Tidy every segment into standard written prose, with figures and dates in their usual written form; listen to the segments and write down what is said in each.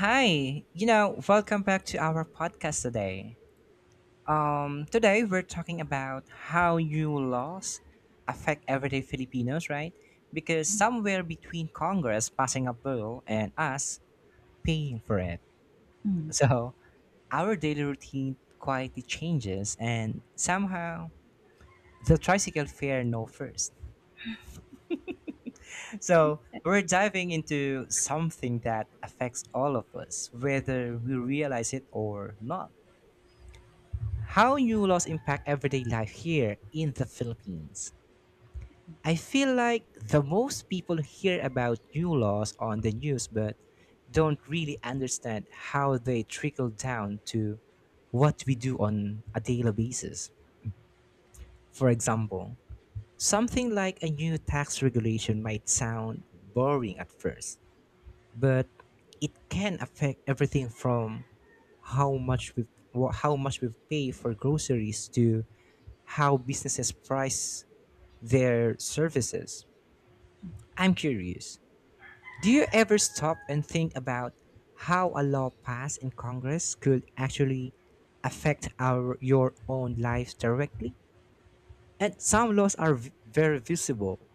Hi, welcome back to our podcast today. Today we're talking about how new laws affect everyday Filipinos, right? Because somewhere between Congress passing a bill and us paying for it. Mm. So our daily routine quietly changes and somehow the tricycle fare no first. So we're diving into something that affects all of us, whether we realize it or not. How new laws impact everyday life here in the Philippines. I feel like the most people hear about new laws on the news but don't really understand how they trickle down to what we do on a daily basis. For example, something like a new tax regulation might sound boring at first, but it can affect everything from how much we how much we pay for groceries to how businesses price their services. I'm curious. Do you ever stop and think about how a law passed in Congress could actually affect our your own lives directly? And some laws are very visible,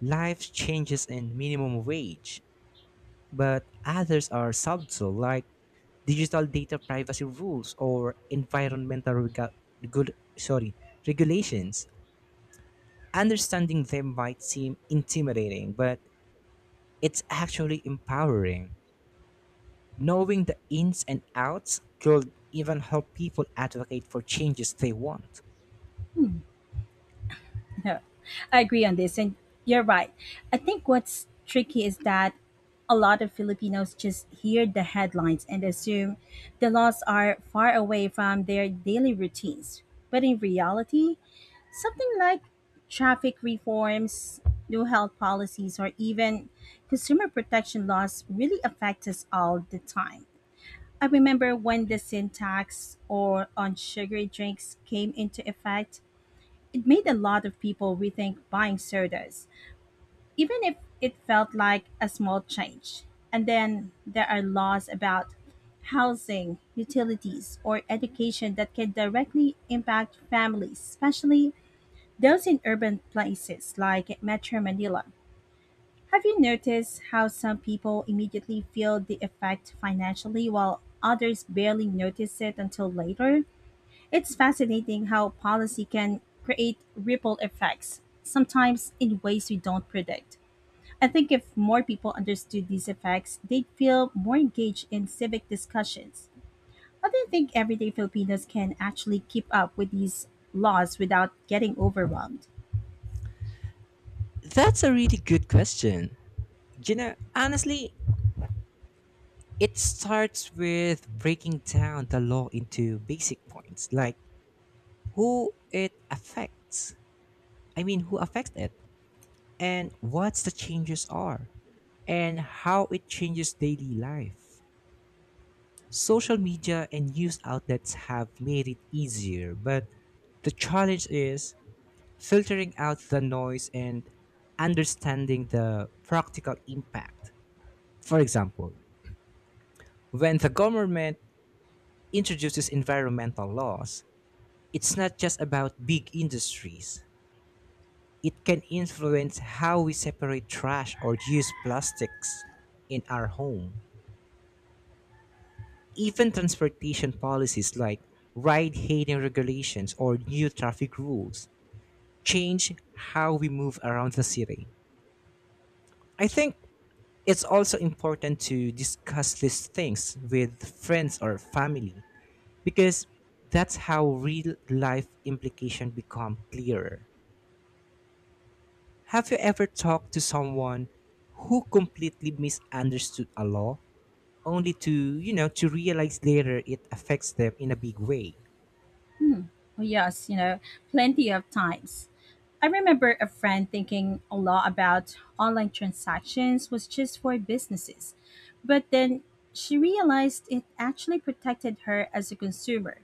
life changes in minimum wage, but others are subtle, like digital data privacy rules or environmental rega- good sorry regulations. Understanding them might seem intimidating, but it's actually empowering. Knowing the ins and outs could even help people advocate for changes they want. Yeah, I agree on this, and you're right. I think what's tricky is that a lot of Filipinos just hear the headlines and assume the laws are far away from their daily routines. But in reality, something like traffic reforms, new health policies, or even consumer protection laws really affect us all the time. I remember when the sin tax or on sugary drinks came into effect. It made a lot of people rethink buying sodas, even if it felt like a small change. And then there are laws about housing, utilities, or education that can directly impact families, especially those in urban places like Metro Manila. Have you noticed how some people immediately feel the effect financially while others barely notice it until later? It's fascinating how policy can create ripple effects, sometimes in ways we don't predict. I think if more people understood these effects, they'd feel more engaged in civic discussions. I do not think everyday Filipinos can actually keep up with these laws without getting overwhelmed. That's a really good question. Honestly, it starts with breaking down the law into basic points, like who it affects. I mean, who affects it? And what the changes are and how it changes daily life. Social media and news outlets have made it easier, but the challenge is filtering out the noise and understanding the practical impact. For example, when the government introduces environmental laws, it's not just about big industries. It can influence how we separate trash or use plastics in our home. Even transportation policies like ride hailing regulations or new traffic rules change how we move around the city. I think it's also important to discuss these things with friends or family because that's how real life implications become clearer. Have you ever talked to someone who completely misunderstood a law only to to realize later it affects them in a big way? Oh, yes, you know, plenty of times. I remember a friend thinking a lot about online transactions was just for businesses, but then she realized it actually protected her as a consumer.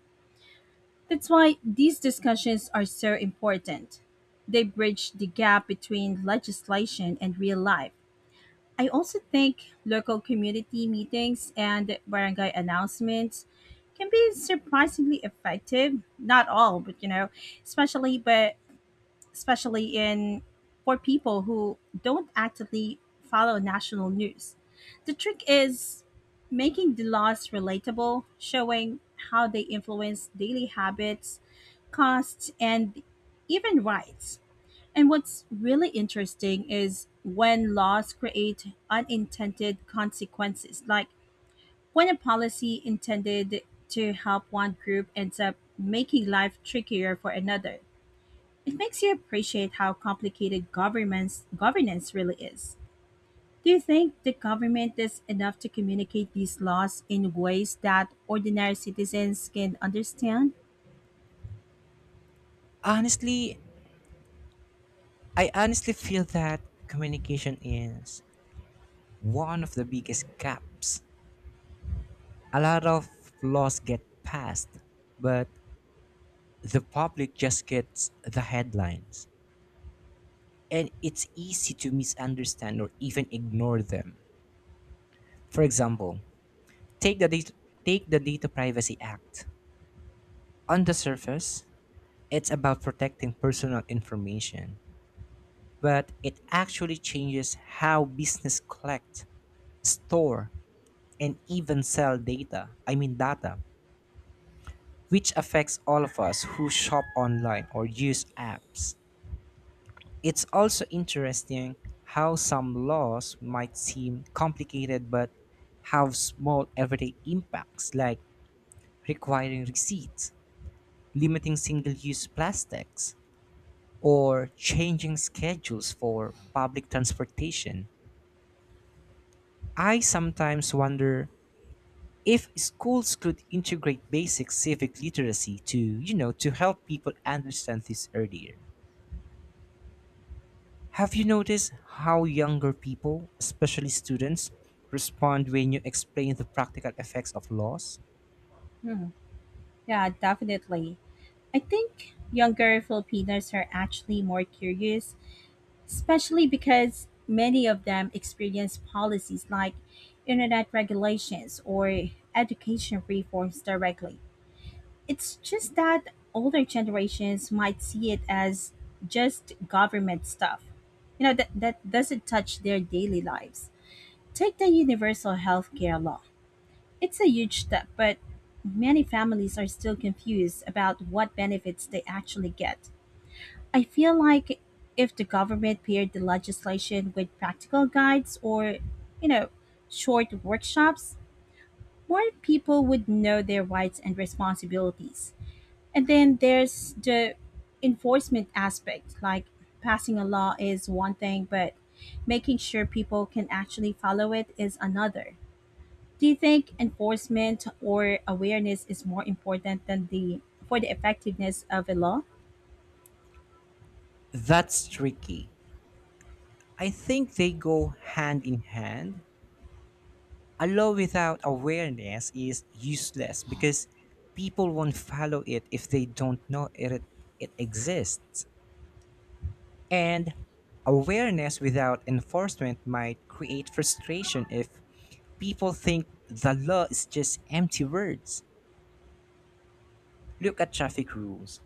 That's why these discussions are so important. They bridge the gap between legislation and real life. I also think local community meetings and barangay announcements can be surprisingly effective. Not all, but you know, especially but especially in for people who don't actively follow national news. The trick is making the laws relatable, showing how they influence daily habits, costs, and even rights. And what's really interesting is when laws create unintended consequences, like when a policy intended to help one group ends up making life trickier for another. It makes you appreciate how complicated governments governance really is. Do you think the government is enough to communicate these laws in ways that ordinary citizens can understand? Honestly, I honestly feel that communication is one of the biggest gaps. A lot of laws get passed, but the public just gets the headlines. And it's easy to misunderstand or even ignore them. For example, take the data, take the Data Privacy Act. On the surface, it's about protecting personal information, but it actually changes how business collect, store, and even sell data, I mean data, which affects all of us who shop online or use apps. It's also interesting how some laws might seem complicated but have small everyday impacts like requiring receipts, limiting single use plastics, or changing schedules for public transportation. I sometimes wonder if schools could integrate basic civic literacy to to help people understand this earlier. Have you noticed how younger people especially students respond when you explain the practical effects of laws? Hmm. Yeah, definitely. I think younger Filipinos are actually more curious, especially because many of them experience policies like internet regulations or education reforms directly. It's just that older generations might see it as just government stuff, you know, that doesn't touch their daily lives. Take the universal healthcare law. It's a huge step, but many families are still confused about what benefits they actually get. I feel like if the government paired the legislation with practical guides or, you know, short workshops, more people would know their rights and responsibilities. And then there's the enforcement aspect, like passing a law is one thing, but making sure people can actually follow it is another. Do you think enforcement or awareness is more important than the for the effectiveness of a law? That's tricky. I think they go hand in hand. A law without awareness is useless because people won't follow it if they don't know it exists. And awareness without enforcement might create frustration if people think the law is just empty words. Look at traffic rules.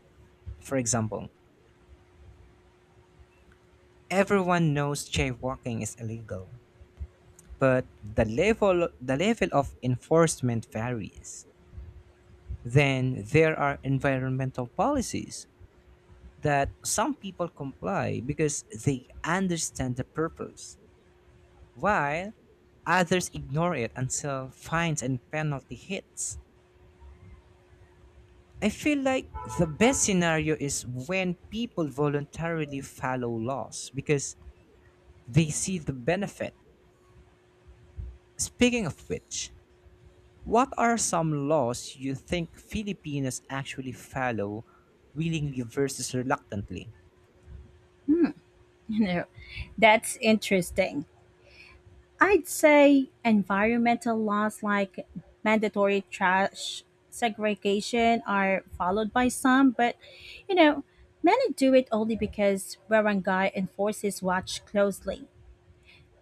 For example, everyone knows jaywalking is illegal, but the level of enforcement varies. Then there are environmental policies that some people comply because they understand the purpose, while others ignore it until fines and penalty hits. I feel like the best scenario is when people voluntarily follow laws because they see the benefit. Speaking of which, what are some laws you think Filipinos actually follow willingly versus reluctantly? You know, that's interesting. I'd say environmental laws like mandatory trash segregation are followed by some, but you know, many do it only because barangay enforces watch closely.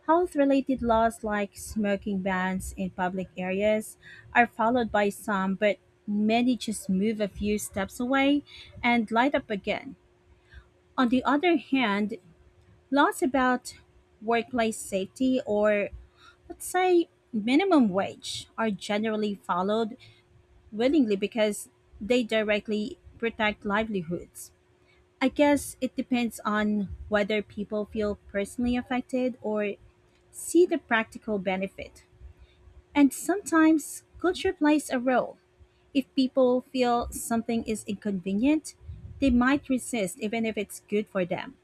Health related laws like smoking bans in public areas are followed by some, but many just move a few steps away and light up again. On the other hand, laws about workplace safety or let's say minimum wage are generally followed willingly because they directly protect livelihoods. I guess it depends on whether people feel personally affected or see the practical benefit. And sometimes culture plays a role. If people feel something is inconvenient, they might resist even if it's good for them.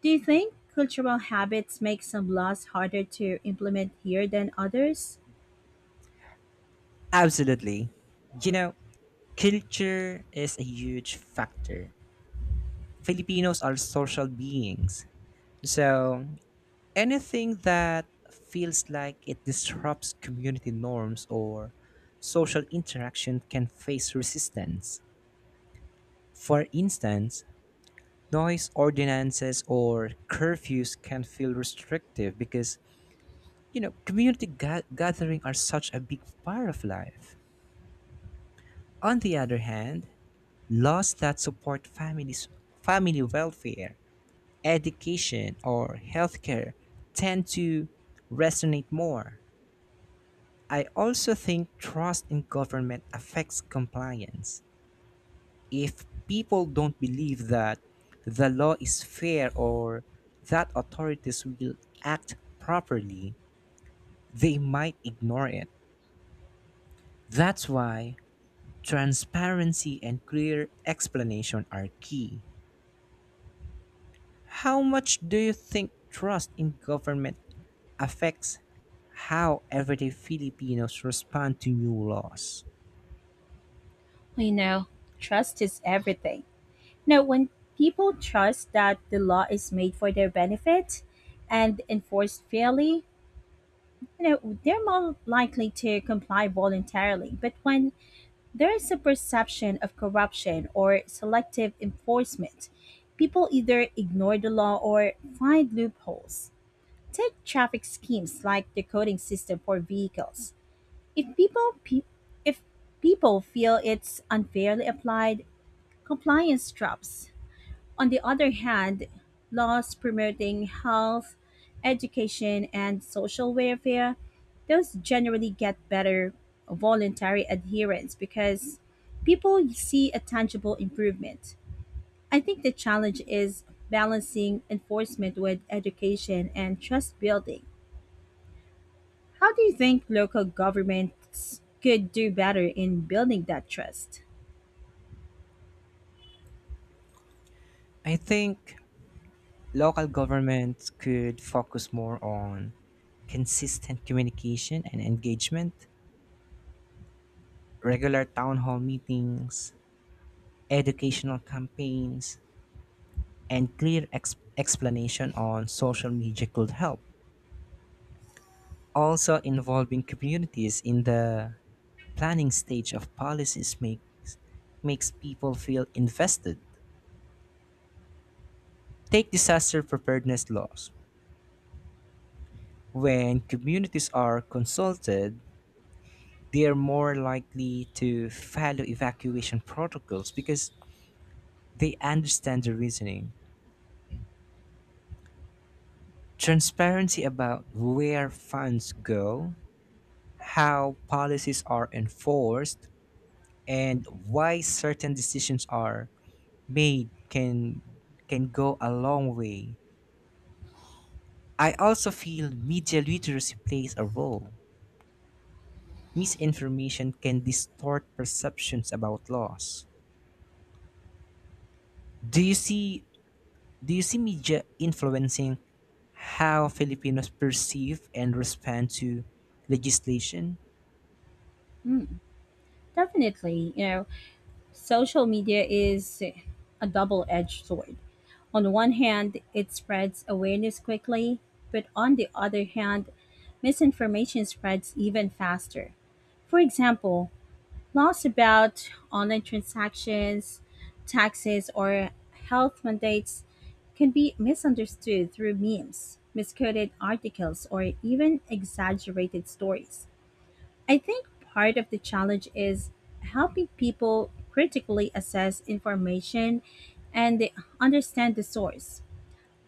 Do you think cultural habits make some laws harder to implement here than others? Absolutely. You know, culture is a huge factor. Filipinos are social beings. So, anything that feels like it disrupts community norms or social interaction can face resistance. For instance, noise ordinances or curfews can feel restrictive because, community gathering are such a big part of life. On the other hand, laws that support families, family welfare, education, or healthcare tend to resonate more. I also think trust in government affects compliance. If people don't believe that the law is fair or that authorities will act properly, they might ignore it. That's why transparency and clear explanation are key. How much do you think trust in government affects how everyday Filipinos respond to new laws? You know, trust is everything. Now, when people trust that the law is made for their benefit and enforced fairly, you know, they're more likely to comply voluntarily. But when there is a perception of corruption or selective enforcement, people either ignore the law or find loopholes. Take traffic schemes like the coding system for vehicles. If people pe- if people feel it's unfairly applied, compliance traps, on the other hand, laws promoting health, education, and social welfare, those generally get better voluntary adherence because people see a tangible improvement. I think the challenge is balancing enforcement with education and trust building. How do you think local governments could do better in building that trust? I think local governments could focus more on consistent communication and engagement, regular town hall meetings, educational campaigns, and clear explanation on social media could help. Also, involving communities in the planning stage of policies makes people feel invested. Take disaster preparedness laws. When communities are consulted, they are more likely to follow evacuation protocols because they understand the reasoning. Transparency about where funds go, how policies are enforced, and why certain decisions are made can go a long way. I also feel media literacy plays a role. Misinformation can distort perceptions about laws. Do you see Do you see media influencing how Filipinos perceive and respond to legislation? Hmm, definitely, you know, social media is a double edged sword. On the one hand, it spreads awareness quickly, but on the other hand, misinformation spreads even faster. For example, laws about online transactions, taxes, or health mandates can be misunderstood through memes, misquoted articles, or even exaggerated stories. I think part of the challenge is helping people critically assess information and understand the source.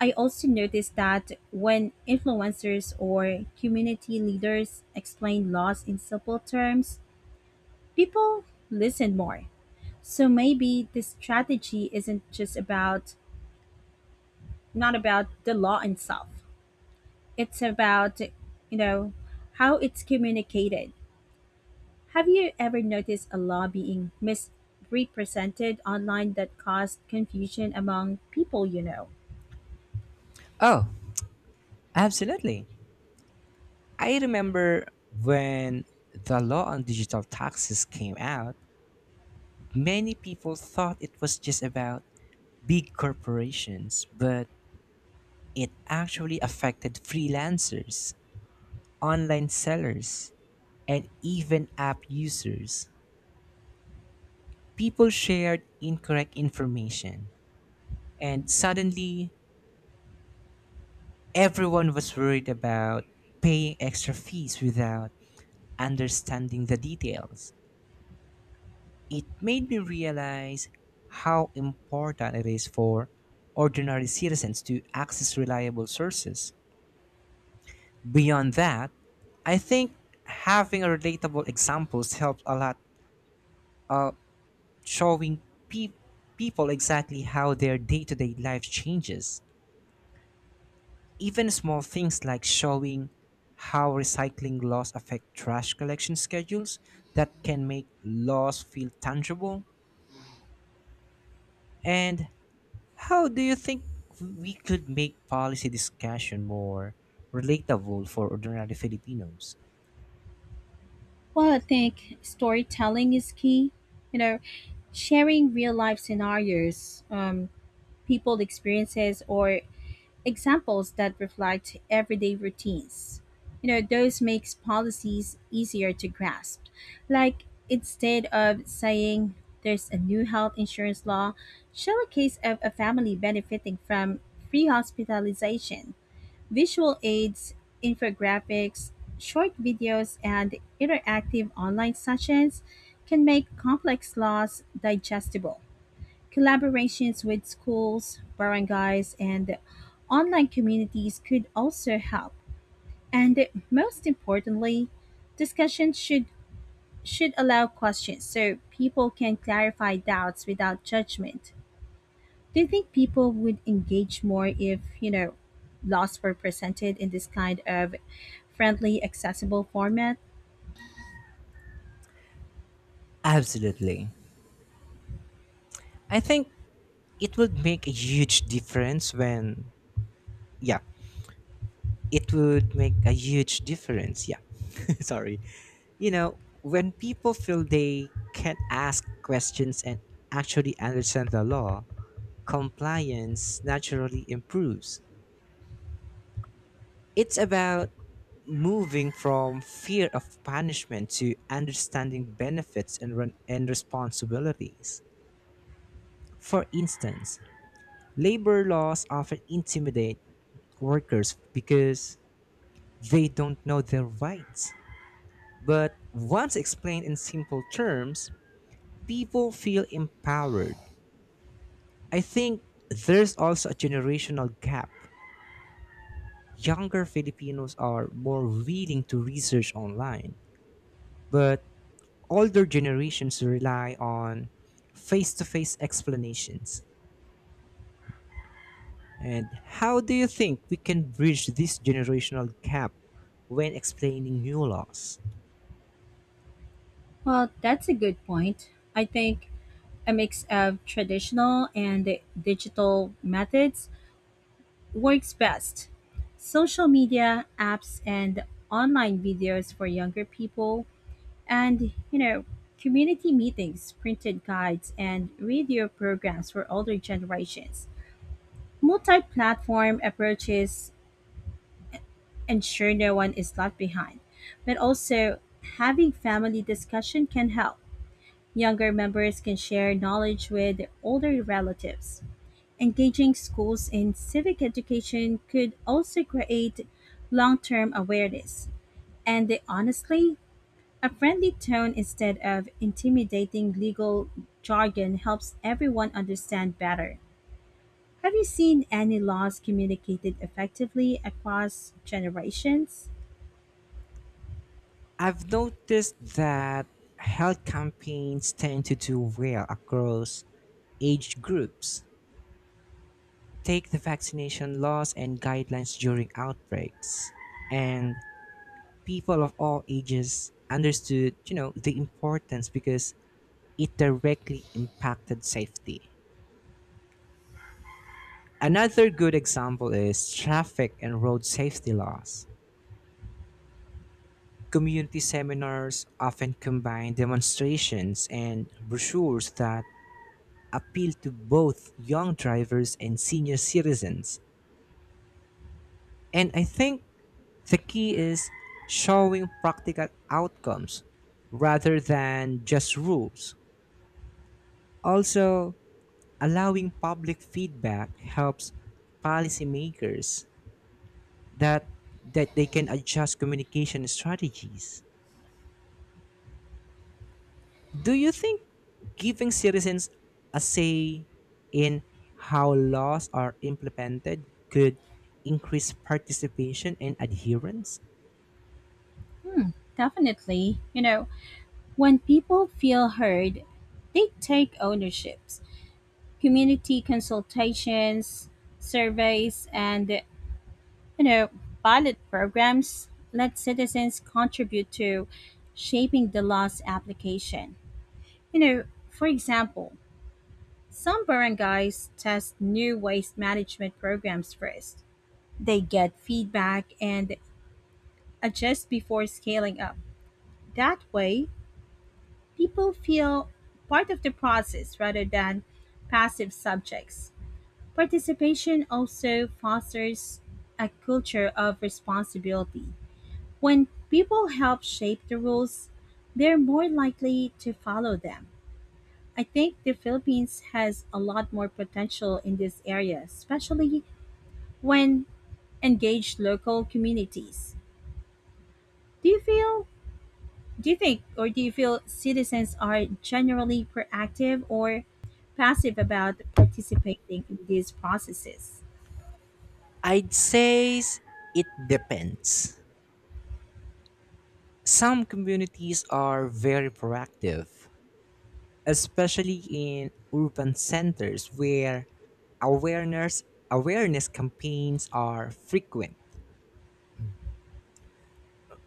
I also noticed that when influencers or community leaders explain laws in simple terms, people listen more. So maybe the strategy isn't just about not about the law itself. It's about, you know, how it's communicated. Have you ever noticed a law being misrepresented online that caused confusion among people you know? Oh, absolutely. I remember when the law on digital taxes came out, many people thought it was just about big corporations, but it actually affected freelancers, online sellers, and even app users. People shared incorrect information, and suddenly everyone was worried about paying extra fees without understanding the details. It made me realize how important it is for ordinary citizens to access reliable sources. Beyond that, I think having relatable examples helps a lot, uh, showing pe- people exactly how their day to day life changes. Even small things like showing how recycling laws affect trash collection schedules that can make laws feel tangible. And how do you think we could make policy discussion more relatable for ordinary Filipinos? Well, I think storytelling is key. You know, sharing real life scenarios, people experiences, or examples that reflect everyday routines. You know, those makes policies easier to grasp. Like instead of saying there's a new health insurance law, show a case of a family benefiting from free hospitalization, visual aids, infographics, short videos and interactive online sessions can make complex laws digestible. Collaborations with schools, barangays, and online communities could also help. And most importantly, discussions should allow questions so people can clarify doubts without judgment. Do you think people would engage more if, you know, laws were presented in this kind of friendly, accessible format? Absolutely. I think it would make a huge difference when, yeah, it would make a huge difference. Yeah. Sorry. You know, when people feel they can ask questions and actually understand the law, compliance naturally improves. It's about moving from fear of punishment to understanding benefits and responsibilities. For instance, labor laws often intimidate workers because they don't know their rights. But once explained in simple terms, people feel empowered. I think there's also a generational gap. Younger Filipinos are more willing to research online, but older generations rely on face to face explanations. And how do you think we can bridge this generational gap when explaining new laws? Well, that's a good point. I think a mix of traditional and digital methods works best. Social media, apps, and online videos for younger people, and, you know, community meetings, printed guides, and radio programs for older generations. Multi platform approaches ensure no one is left behind, but also having family discussion can help. Younger members can share knowledge with older relatives. Engaging schools in civic education could also create long term awareness and, honestly, a friendly tone instead of intimidating legal jargon helps everyone understand better. Have you seen any laws communicated effectively across generations? I've noticed that health campaigns tend to do well across age groups. Take the vaccination laws and guidelines during outbreaks. And people of all ages understood, you know, the importance because it directly impacted safety. Another good example is traffic and road safety laws. Community seminars often combine demonstrations and brochures that appeal to both young drivers and senior citizens. And I think the key is showing practical outcomes rather than just rules. Also, allowing public feedback helps policymakers that that they can adjust communication strategies. Do you think giving citizens a say in how laws are implemented could increase participation and adherence? Definitely. You know, when people feel heard, they take ownerships. Community consultations, surveys, and, you know, pilot programs let citizens contribute to shaping the law's application. You know, for example, some barangays test new waste management programs first. They get feedback and adjust before scaling up. That way, people feel part of the process rather than passive subjects. Participation also fosters a culture of responsibility. When people help shape the rules, they're more likely to follow them. I think the Philippines has a lot more potential in this area, especially when engaged local communities. Do you feel do you feel citizens are generally proactive or passive about participating in these processes? I'd say s- it depends. Some communities are very proactive, especially in urban centers where awareness awareness campaigns are frequent.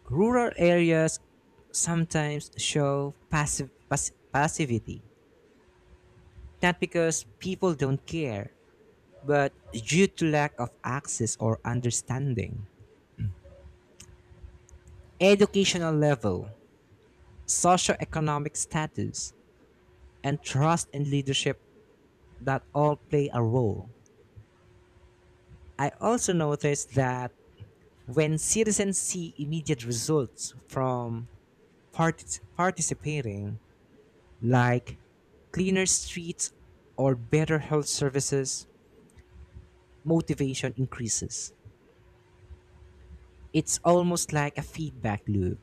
Rural areas sometimes show passivity. Not because people don't care, but due to lack of access or understanding. Educational level, socioeconomic status, and trust in leadership that all play a role. I also noticed that when citizens see immediate results from participating, like cleaner streets or better health services, motivation increases. It's almost like a feedback loop.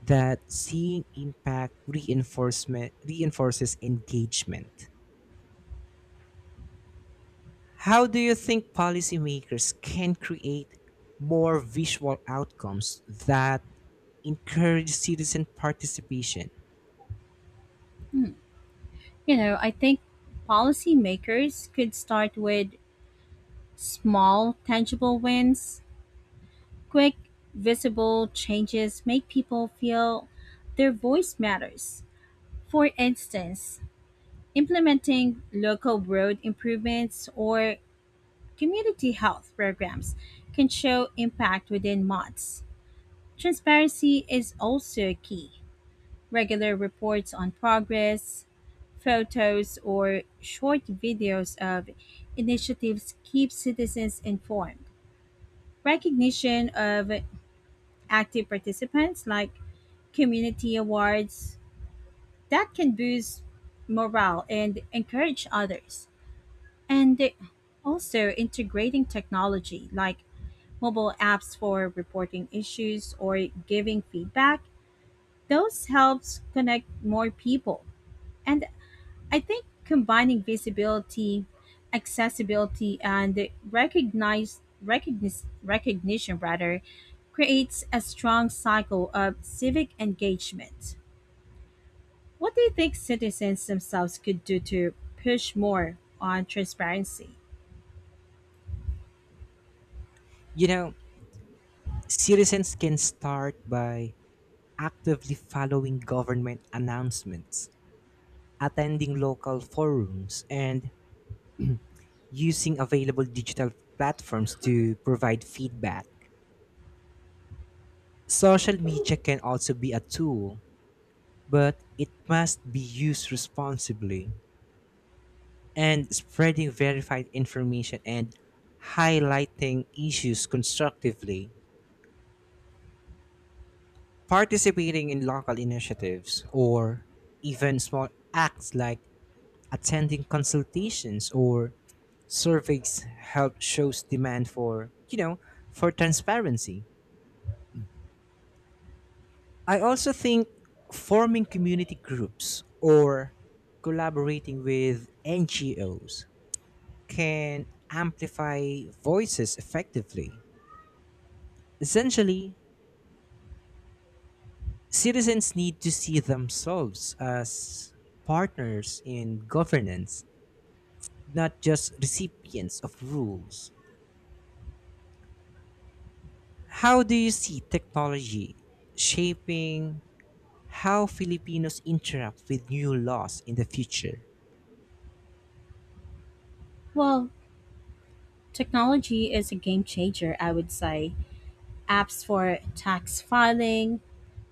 That seeing impact reinforcement reinforces engagement. How do you think policymakers can create more visual outcomes that encourage citizen participation? You know, I think policymakers could start with small tangible wins. Quick, visible changes make people feel their voice matters. For instance, implementing local road improvements or community health programs can show impact within months. Transparency is also key. Regular reports on progress, photos, or short videos of initiatives keep citizens informed. Recognition of active participants like community awards that can boost morale and encourage others. And they- Also integrating technology like mobile apps for reporting issues or giving feedback, those helps connect more people. And I think combining visibility, accessibility and recognition rather creates a strong cycle of civic engagement. What do you think citizens themselves could do to push more on transparency? You know, citizens can start by actively following government announcements, attending local forums, and using available digital platforms to provide feedback. Social media can also be a tool but it must be used responsibly and spreading verified information and highlighting issues constructively. Participating in local initiatives or even small acts like attending consultations or surveys help shows demand for transparency. I also think forming community groups or collaborating with NGOs can amplify voices effectively. Essentially, citizens need to see themselves as partners in governance, not just recipients of rules. How do you see technology shaping how Filipinos interact with new laws in the future? Well, technology is a game changer, I would say. Apps for tax filing,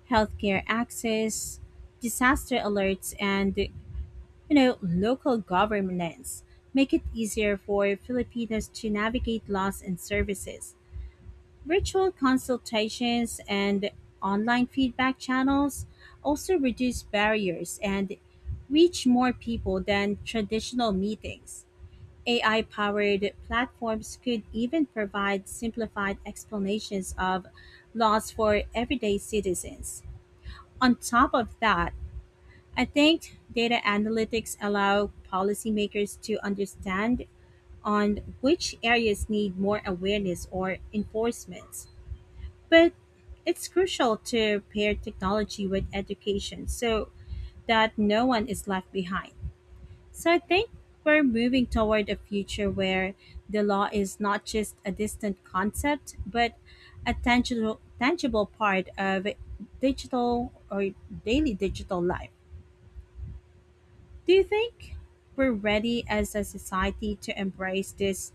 healthcare access, disaster alerts, and you know, local governance make it easier for Filipinos to navigate laws and services. Virtual consultations and online feedback channels also reduce barriers and reach more people than traditional meetings. AI powered platforms could even provide simplified explanations of laws for everyday citizens. On top of that, I think data analytics allow policymakers to understand on which areas need more awareness or enforcement. But it's crucial to pair technology with education so that no one is left behind. So I think we're moving toward a future where the law is not just a distant concept, but a tangible part of digital or daily digital life. Do you think we're ready as a society to embrace this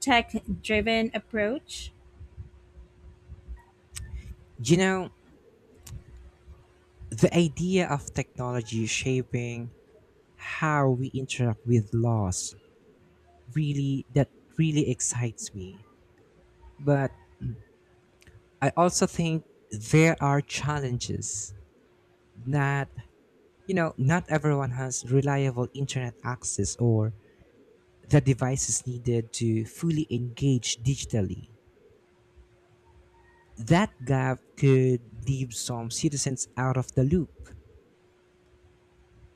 tech driven approach? You know, the idea of technology shaping how we interact with laws really that really excites me. But I also think there are challenges that not everyone has reliable internet access or the devices needed to fully engage digitally. That gap could leave some citizens out of the loop,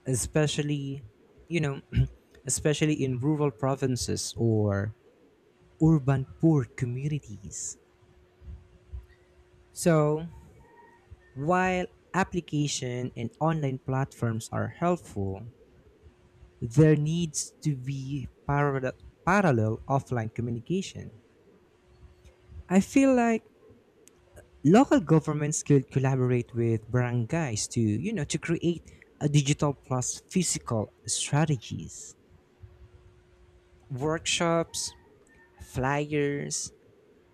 especially, you know, especially in rural provinces or urban poor communities. So, while application and online platforms are helpful, there needs to be parallel offline communication. I feel like local governments could collaborate with barangays to to create a digital plus physical strategies, workshops, flyers,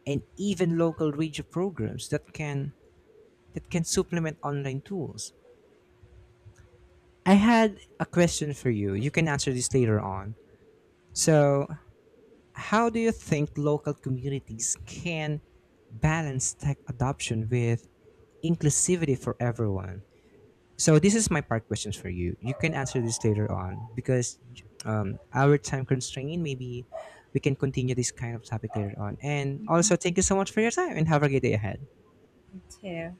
and even local radio programs that can supplement online tools. I had a question for you. You can answer this later on. So, how do you think local communities can balance tech adoption with inclusivity for everyone? So this is my part questions for you. You can answer this later on because our time constraint. Maybe we can continue this kind of topic later on. And Me also, thank you so much for your time and have a great day ahead. too.